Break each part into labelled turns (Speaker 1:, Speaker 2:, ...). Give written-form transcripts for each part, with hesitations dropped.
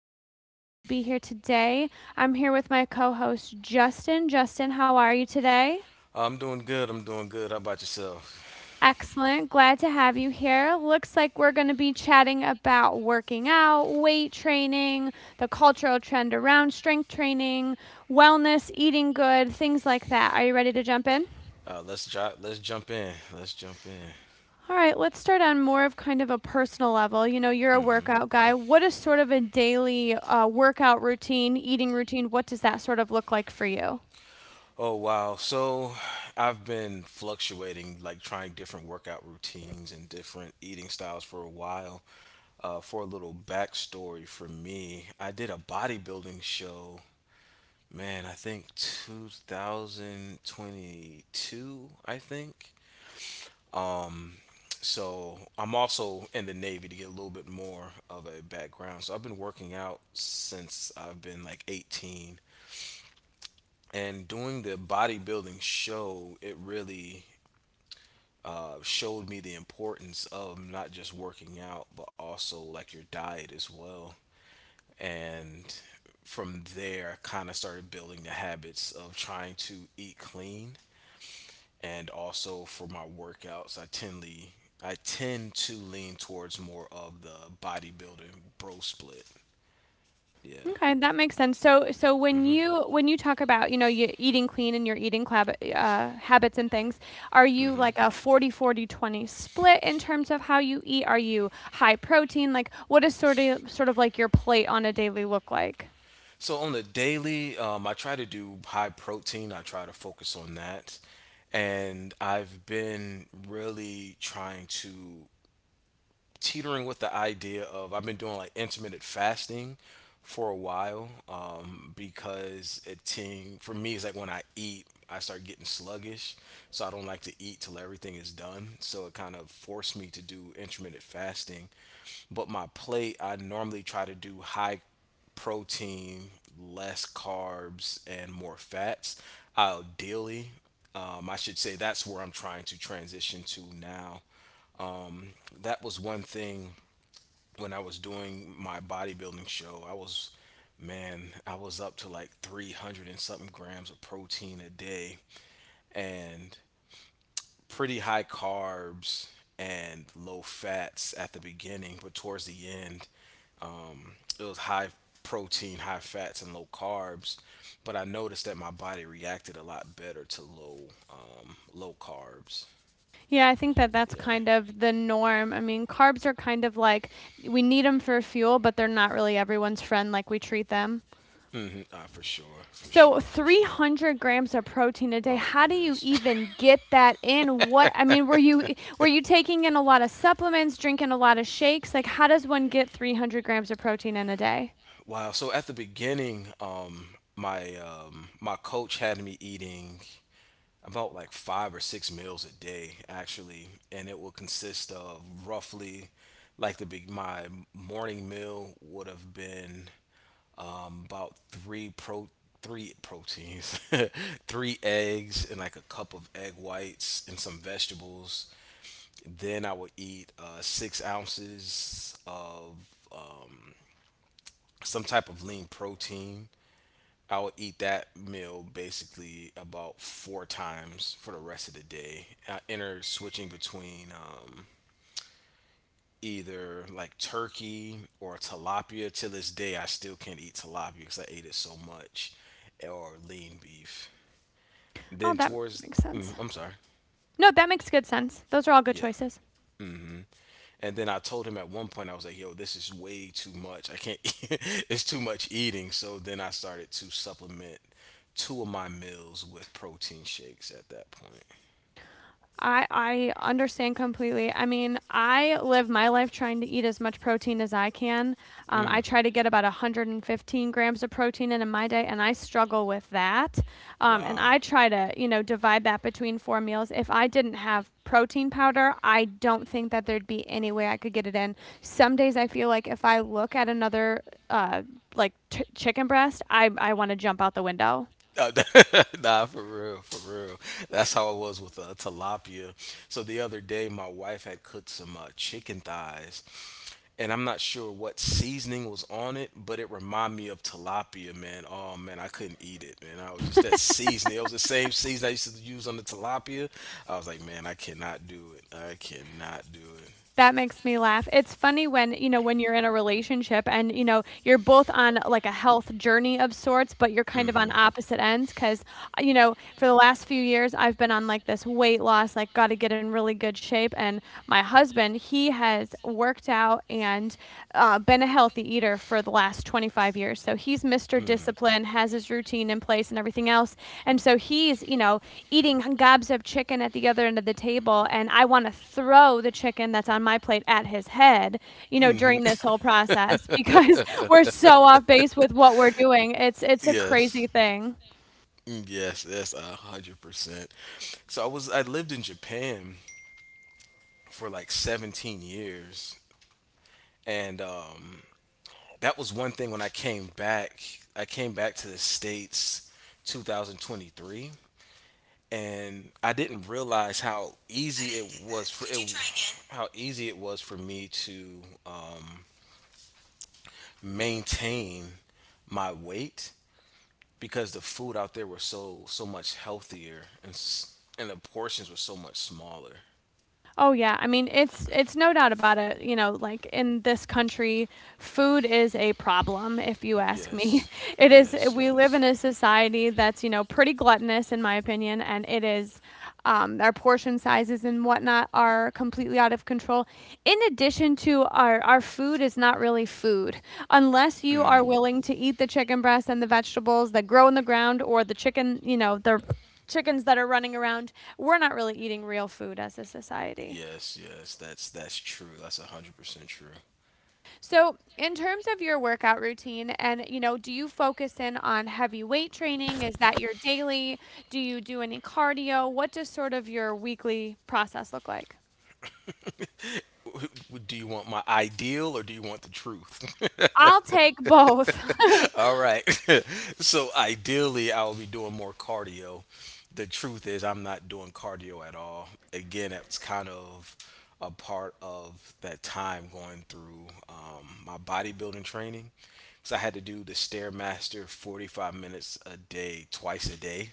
Speaker 1: So happy to be here today. I'm here with my co-host Justin. Justin, how are you today?
Speaker 2: Oh, I'm doing good. I'm doing good. How about yourself?
Speaker 1: Excellent. Glad to have you here. Looks like we're going to be chatting about working out, weight training, the cultural trend around strength training, wellness, eating good, things like that. Are you ready to jump in?
Speaker 2: Let's jo- let's jump in. Let's jump in.
Speaker 1: All right, let's start on more of kind of a personal level. You know, you're a workout guy. What is sort of a daily workout routine, eating routine? What does that sort of look like for you?
Speaker 2: Oh wow. So I've been fluctuating, like trying different workout routines and different eating styles for a while. For a little backstory for me, I did a bodybuilding show. Man, I think 2022, I think. Um, so I'm also in the Navy to get a little bit more of a background. So I've been working out since I've been like 18, and doing the bodybuilding show, it really showed me the importance of not just working out, but also like your diet as well. And from there, I kind of started building the habits of trying to eat clean, and also for my workouts, I tend tendly I tend to lean towards more of the bodybuilding bro split. Yeah.
Speaker 1: Okay, that makes sense. So, when you talk about, you know, you eating clean and your eating club, habits and things, are you
Speaker 2: hmm
Speaker 1: like a 40-40-20 split in terms of how you eat? Are you high protein? Like, what is sort of like your plate on a daily look like?
Speaker 2: So on the daily, I try to do high protein. I try to focus on that, and I've been really trying to teetering with the idea of I've been doing like intermittent fasting for a while, because it ting for me it's like when I eat I start getting sluggish, so I don't like to eat till everything is done, so it kind of forced me to do intermittent fasting. But my plate I normally try to do high protein, less carbs, and more fats ideally. I should say that's where I'm trying to transition to now. um, that was one thing when I was doing my bodybuilding show. I was, man, I was up to like 300 and something grams of protein a day, and pretty high carbs and low fats at the beginning, but towards the end, it was high protein, high fats, and low carbs. But I noticed that my body reacted a lot better to low, low carbs.
Speaker 1: Yeah, I think that that's
Speaker 2: Yeah.
Speaker 1: kind of the norm. I mean, carbs are kind of like we need them for fuel, but they're not really everyone's friend like we treat them.
Speaker 2: Hmm. Ah, for sure, for
Speaker 1: So,
Speaker 2: sure, for sure.
Speaker 1: 300 grams of protein a day.
Speaker 2: Oh
Speaker 1: How do you
Speaker 2: yes.
Speaker 1: even get that in? What I mean, were you taking in a lot of supplements, drinking a lot of shakes? Like how does one get 300 grams of protein in a day?
Speaker 2: Wow. So at the beginning, my coach had me eating about like five or six meals a day, actually, and it will consist of roughly like the big my morning meal would have been about three proteins, three eggs, and like a cup of egg whites and some vegetables. Then I would eat 6 ounces of some type of lean protein. I would eat that meal basically about four times for the rest of the day. I enter switching between either like turkey or tilapia. To this day, I still can't eat tilapia because I ate it so much, or lean beef.
Speaker 1: Oh,
Speaker 2: Then
Speaker 1: that
Speaker 2: towards,
Speaker 1: makes sense.
Speaker 2: I'm sorry,
Speaker 1: No, that makes good sense. Those are all good
Speaker 2: yeah.
Speaker 1: choices.
Speaker 2: And then I told him at one point, I was like, yo, this is way too much. I can't, it's too much eating. So then I started to supplement two of my meals with protein shakes at that point.
Speaker 1: I understand completely. I mean, I live my life trying to eat as much protein as I can.
Speaker 2: Mm.
Speaker 1: I try to get about 115 grams of protein in my day, and I struggle with that. And
Speaker 2: Wow.
Speaker 1: I try to, you know, divide that between four meals. If I didn't have protein powder, I don't think that there'd be any way I could get it in. Some days I feel like if I look at another like chicken breast, I want to jump out the window.
Speaker 2: Uh, nah, for real, for real. That's how it was with tilapia. So the other day, my wife had cooked some chicken thighs, and I'm not sure what seasoning was on it, but it reminded me of tilapia, man. Oh man, I couldn't eat it, man. I was just that seasoning. It was the same seasoning I used to use on the tilapia. I was like, man, I cannot do it. I cannot do it.
Speaker 1: That makes me laugh. It's funny when, you know, when you're in a relationship and, you know, you're both on like a health journey of sorts, but you're kind of on
Speaker 2: Hmm.
Speaker 1: opposite ends because, you know, for the last few years I've been on like this weight loss, like got to get in really good shape. And my husband, he has worked out and been a healthy eater for the last 25 years. So he's Mr. Discipline, has his routine in place and everything else. And so he's, you know, eating gobs of chicken at the other end of the table. And I want to throw the chicken that's on my plate at his head, you know, during this whole process because we're so off base with what we're doing. It's a
Speaker 2: Yes.
Speaker 1: crazy thing.
Speaker 2: Yes, yes, 100%. So I lived in Japan for like 17 years, and that was one thing when I came back. I came back to the States 2023, and I didn't realize how easy it was for it, how easy it was for me to maintain my weight, because the food out there was so so much healthier, and and the portions were so much smaller.
Speaker 1: Oh yeah, I mean it's no doubt about it, you know, like in this country, food is a problem if you ask me.
Speaker 2: Yes,
Speaker 1: It is,
Speaker 2: yes,
Speaker 1: we live
Speaker 2: yes.
Speaker 1: in a society that's, you know, pretty gluttonous in my opinion, and it is, our portion sizes and whatnot are completely out of control. In addition to our food is not really food unless you
Speaker 2: Mm.
Speaker 1: are willing to eat the chicken breast and the vegetables that grow in the ground or the chicken, you know, the chickens that are running around. We're not really eating real food as a society.
Speaker 2: Yes, yes, that's true. That's 100% true.
Speaker 1: So, in terms of your workout routine, and you know, do you focus in on heavy weight training? Is that your daily? Do you do any cardio? What does sort of your weekly process look like?
Speaker 2: Do you want my ideal or do you want the truth?
Speaker 1: I'll take both.
Speaker 2: All right. So ideally, I will be doing more cardio. The truth is, I'm not doing cardio at all. Again, that's kind of a part of that time going through my bodybuilding training. So I had to do the Stairmaster 45 minutes a day, twice a day.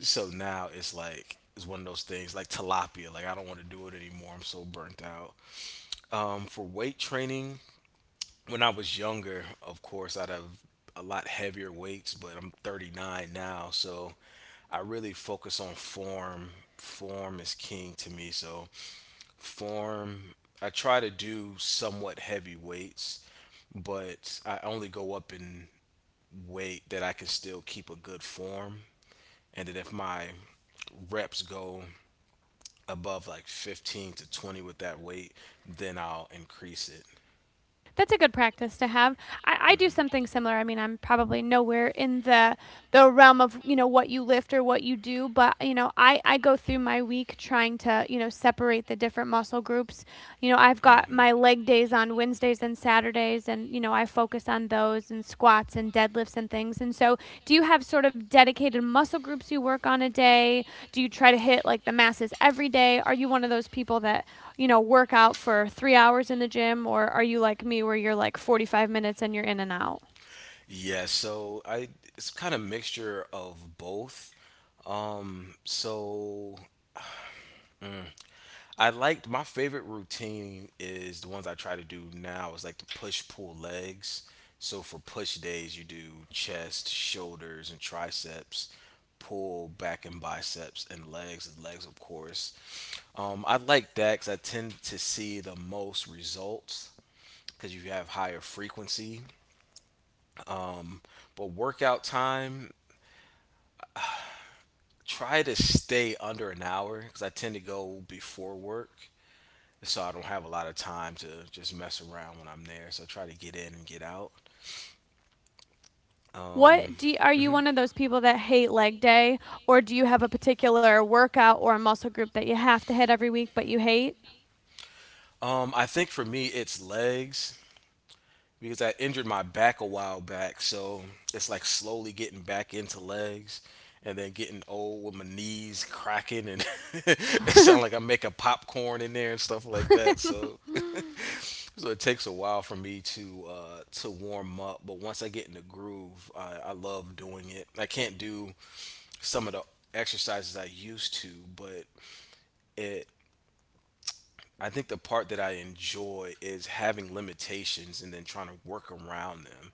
Speaker 2: So now it's like, it's one of those things like tilapia. Like, I don't want to do it anymore. I'm so burnt out. For weight training, when I was younger, of course, I'd have a lot heavier weights, but I'm 39 now, so I really focus on form. Form is king to me, so form. I try to do somewhat heavy weights, but I only go up in weight that I can still keep a good form, and that if my reps go above like 15 to 20 with that weight, then I'll increase it.
Speaker 1: That's a good practice to have. I do something similar. I mean, I'm probably nowhere in the realm of you know what you lift or what you do, but you know, I go through my week trying to you know separate the different muscle groups. You know, I've got
Speaker 2: Mm-hmm.
Speaker 1: my leg days on Wednesdays and Saturdays, and you know, I focus on those and squats and deadlifts and things. And so, do you have sort of dedicated muscle groups you work on a day? Do you try to hit like the masses every day? Are you one of those people that you know, work out for 3 hours in the gym, or are you like me where you're like 45 minutes and you're in and out?
Speaker 2: Yeah, so I It's kind of mixture of both. Um, so mm, I liked my favorite routine is the ones I try to do now is like the push pull legs. So for push days, you do chest, shoulders, and triceps. Pull back and biceps and legs of course. I like DAX. I tend to see the most results because you have higher frequency. But workout time, try to stay under an hour because I tend to go before work. So I don't have a lot of time to just mess around when I'm there. So I try to get in and get out. Um,
Speaker 1: What do you, are you
Speaker 2: mhm.
Speaker 1: one of those people that hate leg day, or do you have a particular workout or a muscle group that you have to hit every week but you hate?
Speaker 2: I think for me, it's legs because I injured my back a while back, so it's like slowly getting back into legs, and then getting old with my knees cracking and it sound like I'm making popcorn in there and stuff like that. So so it takes a while for me to warm up, but once I get in the groove, I love doing it. I can't do some of the exercises I used to, but it I think the part that I enjoy is having limitations and then trying to work around them.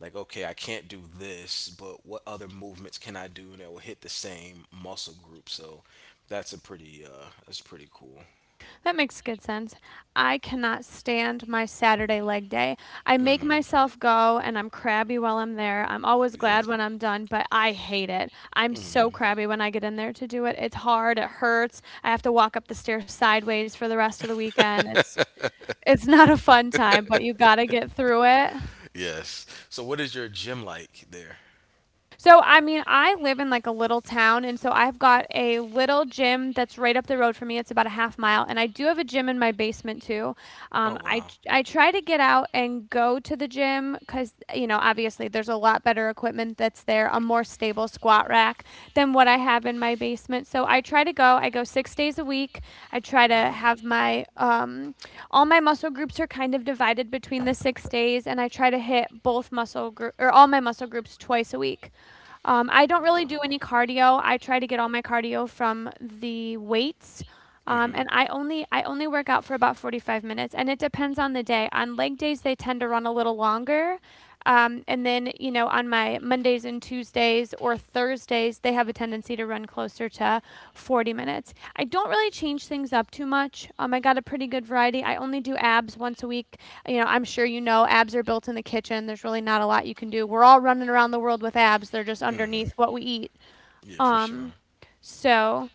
Speaker 2: Like, okay, I can't do this, but what other movements can I do that will hit the same muscle group? So that's a pretty that's pretty cool.
Speaker 1: That makes good sense. I cannot stand my Saturday leg day. I make
Speaker 2: Mm.
Speaker 1: myself go and I'm crabby while I'm there. I'm always
Speaker 2: Yeah.
Speaker 1: glad when I'm done, but I hate it. I'm so
Speaker 2: Mm.
Speaker 1: crabby when I get in there to do it. It's hard, it hurts. I have to walk up the stairs sideways for the rest of the weekend. It's not a fun time, but you got to get through it.
Speaker 2: Yes. So what is your gym like there?
Speaker 1: So, I mean, I live in like a little town, and so I've got a little gym that's right up the road from me. It's about a half mile, and I do have a gym in my basement too.
Speaker 2: Oh
Speaker 1: Um, I
Speaker 2: wow.
Speaker 1: I try to get out and go to the gym because you know obviously there's a lot better equipment that's there, a more stable squat rack than what I have in my basement. So I try to go. I go 6 days a week. I try to
Speaker 2: Wow.
Speaker 1: have my all my muscle groups are kind of divided between the 6 days, and I try to hit both muscle group or all my muscle groups twice a week. I don't really do
Speaker 2: Wow.
Speaker 1: any cardio. I try to get all my cardio from the weights.
Speaker 2: Mm-hmm.
Speaker 1: And I only work out for about 45 minutes, and it depends on the day. On leg days, they tend to run a little longer. And then, you know, on my Mondays and Tuesdays or Thursdays, they have a tendency to run closer to 40 minutes. I don't really change things up too much. I got a pretty good variety. I only do abs once a week. You know, I'm sure you know abs are built in the kitchen. There's really not a lot you can do. We're all running around the world with abs. They're just
Speaker 2: Mm-hmm.
Speaker 1: underneath what we eat.
Speaker 2: Yeah, for
Speaker 1: Um,
Speaker 2: sure.
Speaker 1: so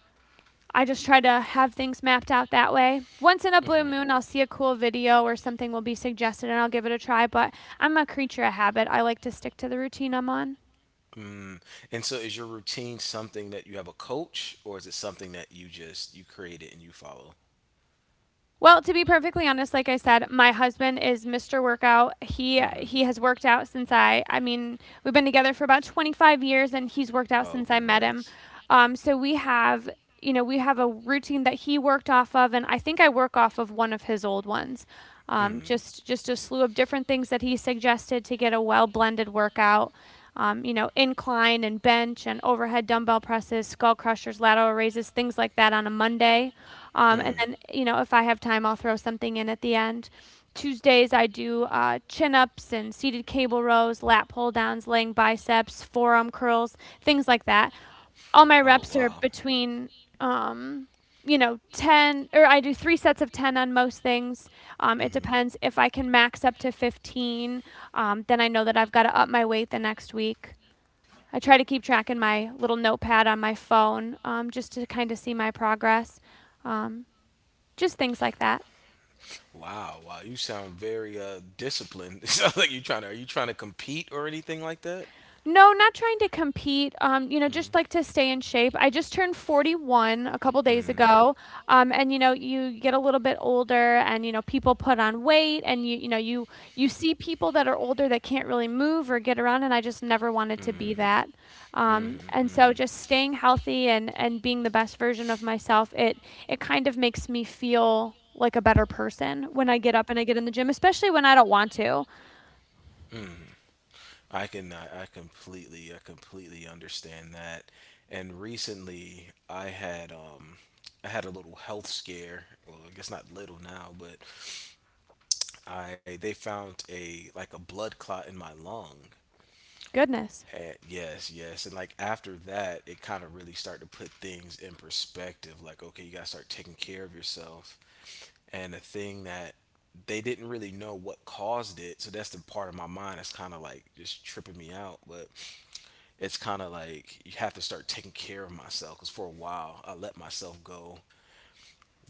Speaker 1: I just try to have things mapped out that way. Once in a blue
Speaker 2: Mm-hmm.
Speaker 1: moon, I'll see a cool video or something will be suggested and I'll give it a try, but I'm a creature of habit. I like to stick to the routine I'm on.
Speaker 2: Mm. And so is your routine something that you have a coach, or is it something that you just you created and you follow?
Speaker 1: Well, to be perfectly honest, like I said, my husband is Mr. Workout. He
Speaker 2: Mhm.
Speaker 1: he has worked out since I mean, we've been together for about 25 years and he's worked out since I met him. So we have, you know, we have a routine that he worked off of and I think I work off of one of his old ones.
Speaker 2: Mm,
Speaker 1: Just a slew of different things that he suggested to get a well-blended workout. You know, incline and bench and overhead dumbbell presses, skull crushers, lateral raises, things like that on a Monday,
Speaker 2: mm.
Speaker 1: and then, you know, if I have time, I'll throw something in at the end. Tuesdays, I do chin ups and seated cable rows, lat pull downs, laying biceps, forearm curls, things like that. All my reps are
Speaker 2: Oh.
Speaker 1: between, um, you know, 10, or I do three sets of 10 on most things. It
Speaker 2: Mm-hmm.
Speaker 1: depends. If I can max up to 15, then I know that I've got to up my weight the next week. I try to keep track in my little notepad on my phone, just to kind of see my progress. Um, just things like that.
Speaker 2: Wow, wow. You sound very disciplined. It sounds like you trying to are you trying to compete or anything like that?
Speaker 1: No, not trying to compete. You know,
Speaker 2: Mm-hmm.
Speaker 1: just like to stay in shape. I just turned 41 a couple days
Speaker 2: Mm-hmm.
Speaker 1: ago. And you know, you get a little bit older and you know, people put on weight and you know, you see people that are older that can't really move or get around and I just never wanted to
Speaker 2: Mm.
Speaker 1: be that.
Speaker 2: Mm-hmm.
Speaker 1: And so
Speaker 2: Mm-hmm.
Speaker 1: just staying healthy and being the best version of myself, it kind of makes me feel like a better person when I get up and I get in the gym, especially when I don't want to.
Speaker 2: Mm. I completely I completely understand that. And recently I had a little health scare. Well, I guess not little now, but I they found a like a blood clot in my lung.
Speaker 1: Goodness,
Speaker 2: And yes, yes. And like after that, it kind of really started to put things in perspective. Like, okay, you got to start taking care of yourself. And the thing that they didn't really know what caused it. So that's the part of my mind that's kind of like just tripping me out. But it's kind of like you have to start taking care of myself. Because for a while, I let myself go.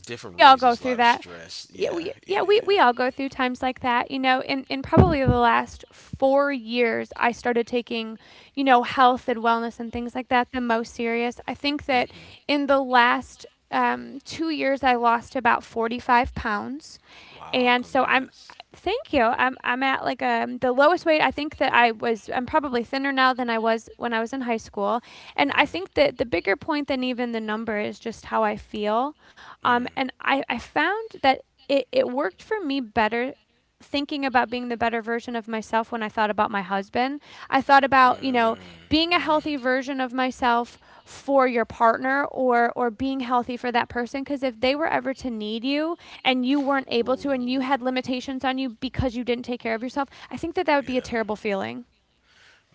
Speaker 2: Different
Speaker 1: we all go
Speaker 2: reasons, a
Speaker 1: through
Speaker 2: lot of
Speaker 1: that.
Speaker 2: stress.
Speaker 1: Yeah,
Speaker 2: Yeah,
Speaker 1: we, yeah,
Speaker 2: yeah,
Speaker 1: we,
Speaker 2: yeah.
Speaker 1: we all go through times like that. You know, in probably the last 4 years, I started taking, you know, health and wellness and things like that the most serious. I think that
Speaker 2: Mm-hmm.
Speaker 1: in the last 2 years, I lost about 45 pounds,
Speaker 2: Wow,
Speaker 1: and so I'm
Speaker 2: congrats.
Speaker 1: thank you. I'm at like the lowest weight, I think, that I was. I'm probably thinner now than I was when I was in high school. And I
Speaker 2: Mm,
Speaker 1: think that the bigger point than even the number is just how I feel. Um
Speaker 2: mm,
Speaker 1: and I, I found that it worked for me better thinking about being the better version of myself when I thought about my husband. I thought about, you know,
Speaker 2: mm.
Speaker 1: being a
Speaker 2: Mm.
Speaker 1: healthy version of myself for your partner, or being healthy for that person, because if they were ever to need you, and you weren't able to, and you
Speaker 2: Ooh,
Speaker 1: had limitations on you because you didn't take care of yourself, I think that that would be a
Speaker 2: yeah.
Speaker 1: terrible feeling.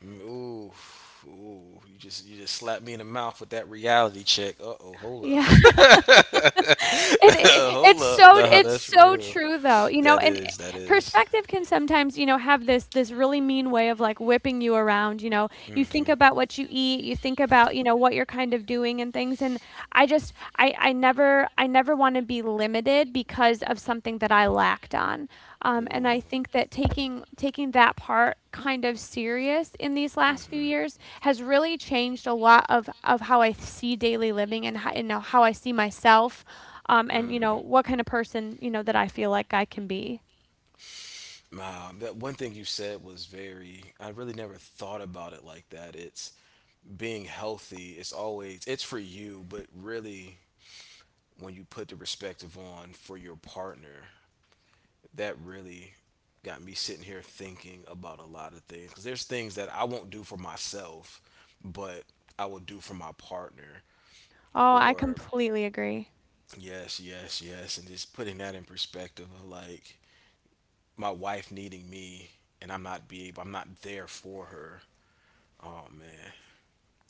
Speaker 2: Mm. Ooh, ooh. You just slapped me in the mouth with that reality check. Uh oh, hold up.
Speaker 1: Yeah. It it
Speaker 2: Hold
Speaker 1: it's
Speaker 2: up.
Speaker 1: so
Speaker 2: Nah,
Speaker 1: it's
Speaker 2: that's
Speaker 1: so
Speaker 2: real.
Speaker 1: true though, you know,
Speaker 2: That is, that is.
Speaker 1: perspective can sometimes, you know, have this this really mean way of, like, whipping you around, you know? You think
Speaker 2: Mm-hmm.
Speaker 1: about what you eat, you think about, you know, what you're kind of doing and things, and I just I never I never wanna be limited because of something that I lacked on, and
Speaker 2: Ooh.
Speaker 1: I think that taking that part kind of serious in these last few
Speaker 2: Mm-hmm.
Speaker 1: years has really changed a lot of how I see daily living, and how and now how I see myself, and you know
Speaker 2: Mm.
Speaker 1: what kind of person, you know, that I feel like I can be.
Speaker 2: That one thing you said was very. I really never thought about it like that. It's being healthy. It's always it's for you, but really, when you put the perspective on for your partner, that really got me sitting here thinking about a lot of things. Because there's things that I won't do for myself, but I will do for my partner.
Speaker 1: Oh, I
Speaker 2: Or
Speaker 1: completely agree.
Speaker 2: yes, yes, yes, and just putting that in perspective of like my wife needing me, and I'm not be able, I'm not there for her. Oh man,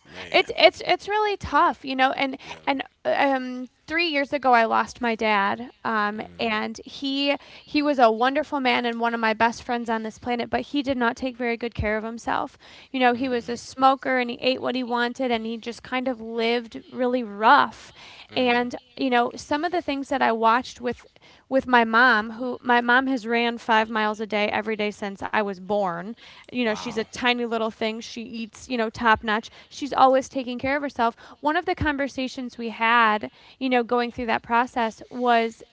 Speaker 2: man,
Speaker 1: It's really
Speaker 2: yeah,
Speaker 1: tough, you know. And
Speaker 2: yeah.
Speaker 1: and uh, um, 3 years ago, I lost my dad, and
Speaker 2: Mm-hmm.
Speaker 1: he was a wonderful man and one of my best friends on this planet, but he did not take very good care of himself. You know, he was
Speaker 2: Mm-hmm.
Speaker 1: a smoker, and he ate what he wanted, and he just kind of lived really rough. And
Speaker 2: Mm-hmm.
Speaker 1: you know, some of the things that I watched with my mom, who my mom has ran 5 miles a day every day since I was born. You know, she's a
Speaker 2: Wow.
Speaker 1: tiny little thing. She eats, you know, top notch. She's always taking care of herself. One of the conversations we had, you know, going through that process, was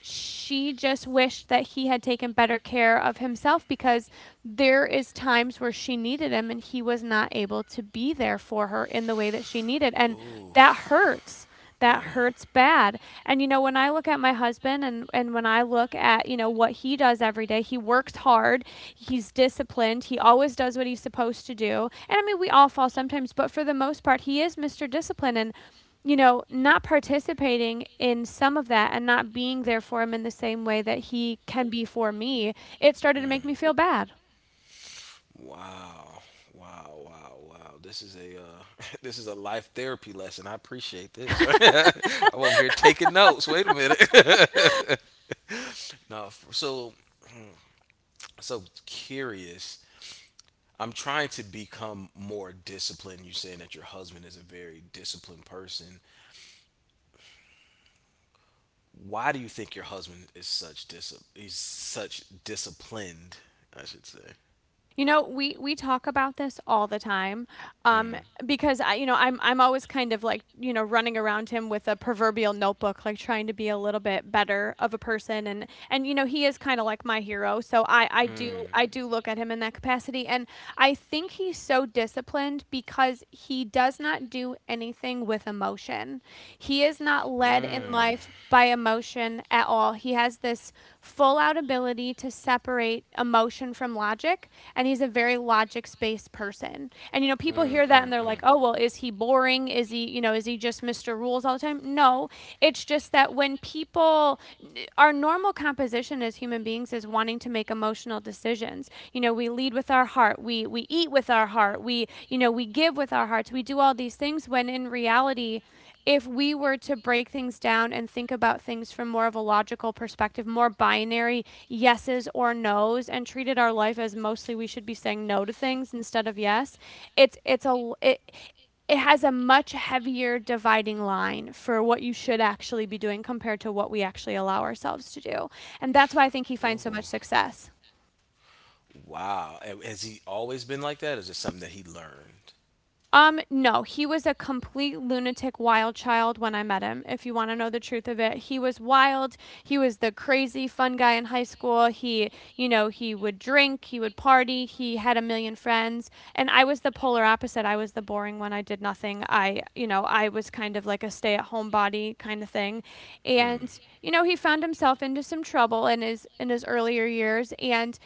Speaker 1: she just wished that he had taken better care of himself, because there is times where she needed him and he was not able to be there for her in the way that she needed. And
Speaker 2: Ooh,
Speaker 1: that hurts. That
Speaker 2: yeah.
Speaker 1: hurts bad. And you know, when I look at my husband, and when I look at, you know, what he does every day, he works hard, he's disciplined, he always does what he's supposed to do, and I mean, we all fall sometimes, but for the most part he is Mr. Discipline. And you know, not participating in some of that and not being there for him in the same way that he can be for me, it started to make me feel bad.
Speaker 2: Wow. Wow, wow, wow. This is a this is a life therapy lesson. I appreciate this. I'm over here taking notes. Wait a minute. no, f- so hmm, so curious. I'm trying to become more disciplined. You're saying that your husband is a very disciplined person. Why do you think your husband is such dis is such disciplined? I should say.
Speaker 1: You know, we talk about this all the time,
Speaker 2: Mm. Because I, you know, i.
Speaker 1: um, because I, you know, I'm always kind of like, you know, running around him with a proverbial notebook, like trying to be a little bit better of a person, and you know he is kind of like my hero, so I I do
Speaker 2: Mm.
Speaker 1: I do look at him in that capacity, and I think he's so disciplined because he does not do anything with emotion. He is not led in
Speaker 2: Mm.
Speaker 1: life by emotion at all. He has this full out ability to separate emotion from logic, and he's a very logic based person. And you know,
Speaker 2: Mm.
Speaker 1: people hear that and
Speaker 2: Mm. Mm.
Speaker 1: they're like,
Speaker 2: Times.
Speaker 1: "Oh, well, is he boring? Is he, you know, is he just Mr. Rules all the time?" No, it's just that when people our normal composition as human beings is wanting to make emotional decisions. You know, we lead with our heart, we eat with our heart, we, you know, we give with our hearts. We do all these things when in reality, if we were to break things down and think about things from more of a logical perspective, more binary yeses or nos, and treated our life as mostly we should be saying no to things instead of yes, it's it's a it, it has a much heavier dividing line for what you should actually be doing compared to what we actually allow ourselves to do. And that's why I think he finds so much
Speaker 2: Oh.
Speaker 1: success.
Speaker 2: Wow. Has he always been like "No, that"? Is it something that he learned?
Speaker 1: No, he was a complete lunatic wild child when I met him. If you want to know the truth of it, he was wild. He was the crazy fun guy in high school. He, you know, he would drink, he would party, he had a million friends, and I was the polar opposite. I was the boring one. I did nothing. I, you know, I was kind of like a stay-at-home body kind of thing. And,
Speaker 2: Mm.
Speaker 1: you know, he found himself into some trouble in his earlier years, and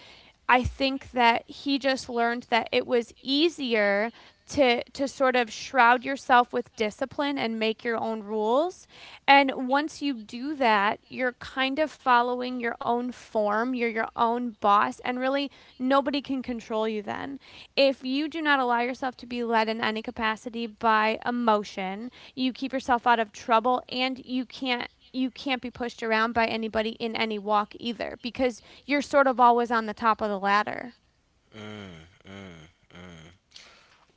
Speaker 1: I think that he just learned that it was easier to sort of shroud yourself with discipline and make your own rules. And once you do that, you're kind of following your own form, you're your own boss, and really, nobody can control you then. If you do not allow yourself to be led in any capacity by emotion, you keep yourself out of trouble, and you can't be pushed around by anybody in any walk either, because you're sort of always on the top of the ladder.
Speaker 2: Mm, mm, mm.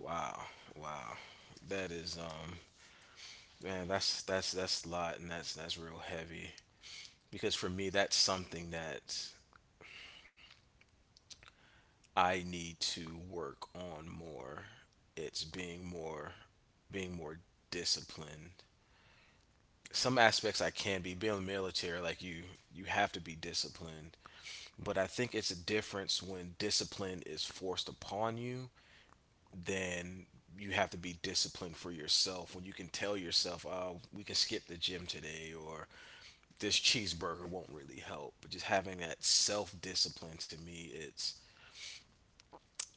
Speaker 2: Wow, wow. That is man, that's a lot, and that's real heavy. Because for me that's something that I need to work on more. It's being more disciplined. Some aspects I can be being in the military, like you have to be disciplined. But I think it's a difference when discipline is forced upon you, then you have to be disciplined for yourself, when you can tell yourself, oh, we can skip the gym today, or this cheeseburger won't really help. But just having that self discipline to me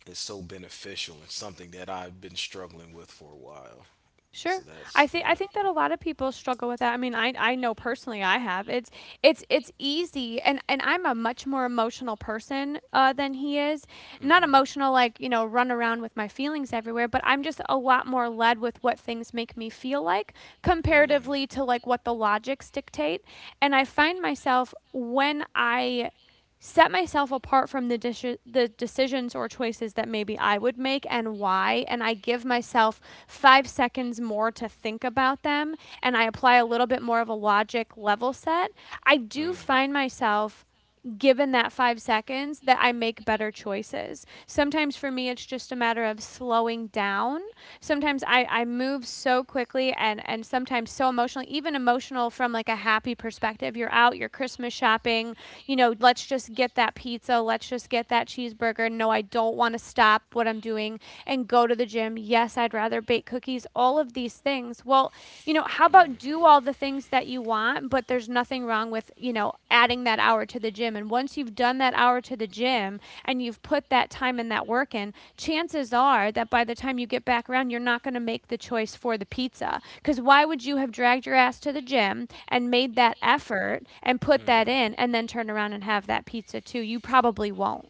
Speaker 2: it's so beneficial, and something that I've been struggling with for a while. So
Speaker 1: Sure.
Speaker 2: that's
Speaker 1: I think I
Speaker 2: yeah.
Speaker 1: think that a lot of people struggle with that. I mean, I know personally I have. It's easy, and I'm a much more emotional person than he is. Not
Speaker 2: Mm-hmm.
Speaker 1: emotional like, you know, run around with my feelings everywhere, but I'm just a lot more led with what things make me feel like,
Speaker 2: Mm.
Speaker 1: comparatively to like what the logics dictate. And I find myself when I set myself apart from the the decisions or choices that maybe I would make and why, and I give myself 5 seconds more to think about them, and I apply a little bit more of a logic level set, I do
Speaker 2: Mm.
Speaker 1: find myself, given that 5 seconds, that I make better choices. Sometimes for me, it's just a matter of slowing down. Sometimes I move so quickly, and sometimes so emotionally, even emotional from like a happy perspective. You're out, you're Christmas shopping, you know, let's just get that pizza, let's just get that cheeseburger. No, I don't want to stop what I'm doing and go to the gym. Yes, I'd rather bake cookies, all of these things. Well, you know, how
Speaker 2: Mm.
Speaker 1: about do all the things that you want? But there's nothing wrong with, you know, adding that hour to the gym, and once you've done that hour to the gym and you've put that time and that work in, chances are that by the time you get back around, you're not going to make the choice for the pizza, because why would you have dragged your ass to the gym and made that effort and put that
Speaker 2: Mm.
Speaker 1: in, and then turn around and have that pizza too? You probably won't.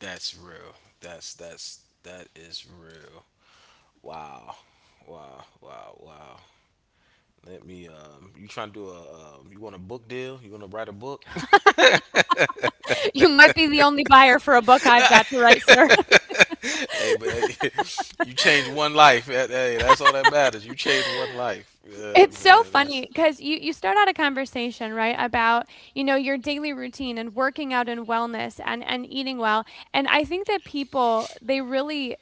Speaker 2: That's real. That's that is real. Wow. Wow. Wow. Wow. Let me you trying to do a you want a book deal? You want to write a book?
Speaker 1: You might be the only buyer for a book
Speaker 2: Nah.
Speaker 1: I've got to write, Sarah.
Speaker 2: Hey, but hey, you change one life. That- Hey, that's all that matters. You change one life. Yeah,
Speaker 1: It's so
Speaker 2: man,
Speaker 1: funny
Speaker 2: that's
Speaker 1: because you start out a conversation, right, about, you know, your daily routine and working out and wellness and eating well, and I think that people, they really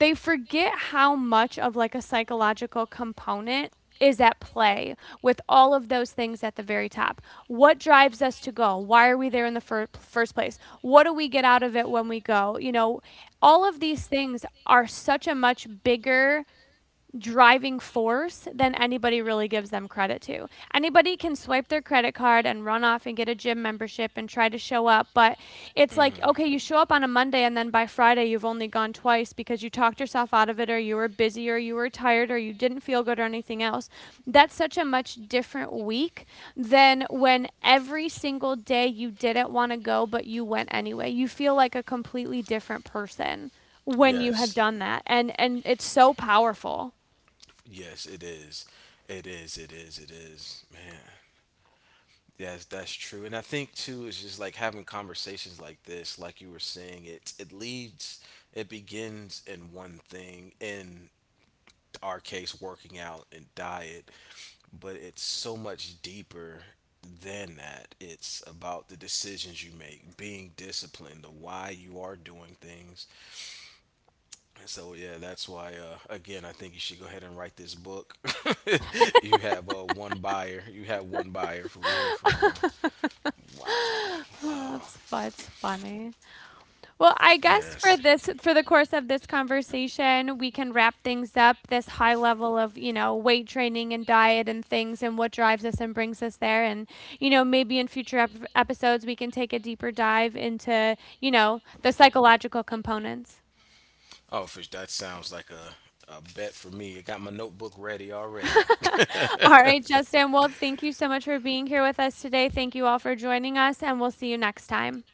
Speaker 1: they forget how much of, like, a psychological component is at play with all of those things at the very top. What drives us to go? Why are we there in the first place? What do we get out of it when we go? You know, all of these things are such a much bigger driving force than anybody really gives them credit to. Anybody can swipe their credit card and run off and get a gym membership and try to show up, but it's
Speaker 2: Mm.
Speaker 1: like, okay, you show up on a Monday and then by Friday you've only gone twice because you talked yourself out of it, or you were busy, or you were tired, or you didn't feel good, or anything else. That's such a much different week than when every single day you didn't want to go but you went anyway. You feel like a completely different person when you have
Speaker 2: Yes.
Speaker 1: done that, and it's so powerful.
Speaker 2: Yes, it is. It is. It is. It is. Man. Yes, that's true. And I think too it's just like having conversations like this, like you were saying, it leads it begins in one thing, in our case working out and diet, but it's so much deeper than that. It's about the decisions you make, being disciplined, the why you are doing things. And so, yeah, that's why, again, I think you should go ahead and write this book. You have one buyer. You have one buyer, for real, for real. Wow.
Speaker 1: Oh,
Speaker 2: Wow.
Speaker 1: that's fu it's funny. Well, I guess for
Speaker 2: Yes.
Speaker 1: this for the course of this conversation, we can wrap things up, this high level of, you know, weight training and diet and things, and what drives us and brings us there. And, you know, maybe in future ep episodes, we can take a deeper dive into, you know, the psychological components.
Speaker 2: Oh, for, sure. That sounds like a bet for me. I got my notebook ready already.
Speaker 1: All right,
Speaker 2: Alrighty.
Speaker 1: Justin. Well, thank you so much for being here with us today. Thank you all for joining us, and we'll see you next time.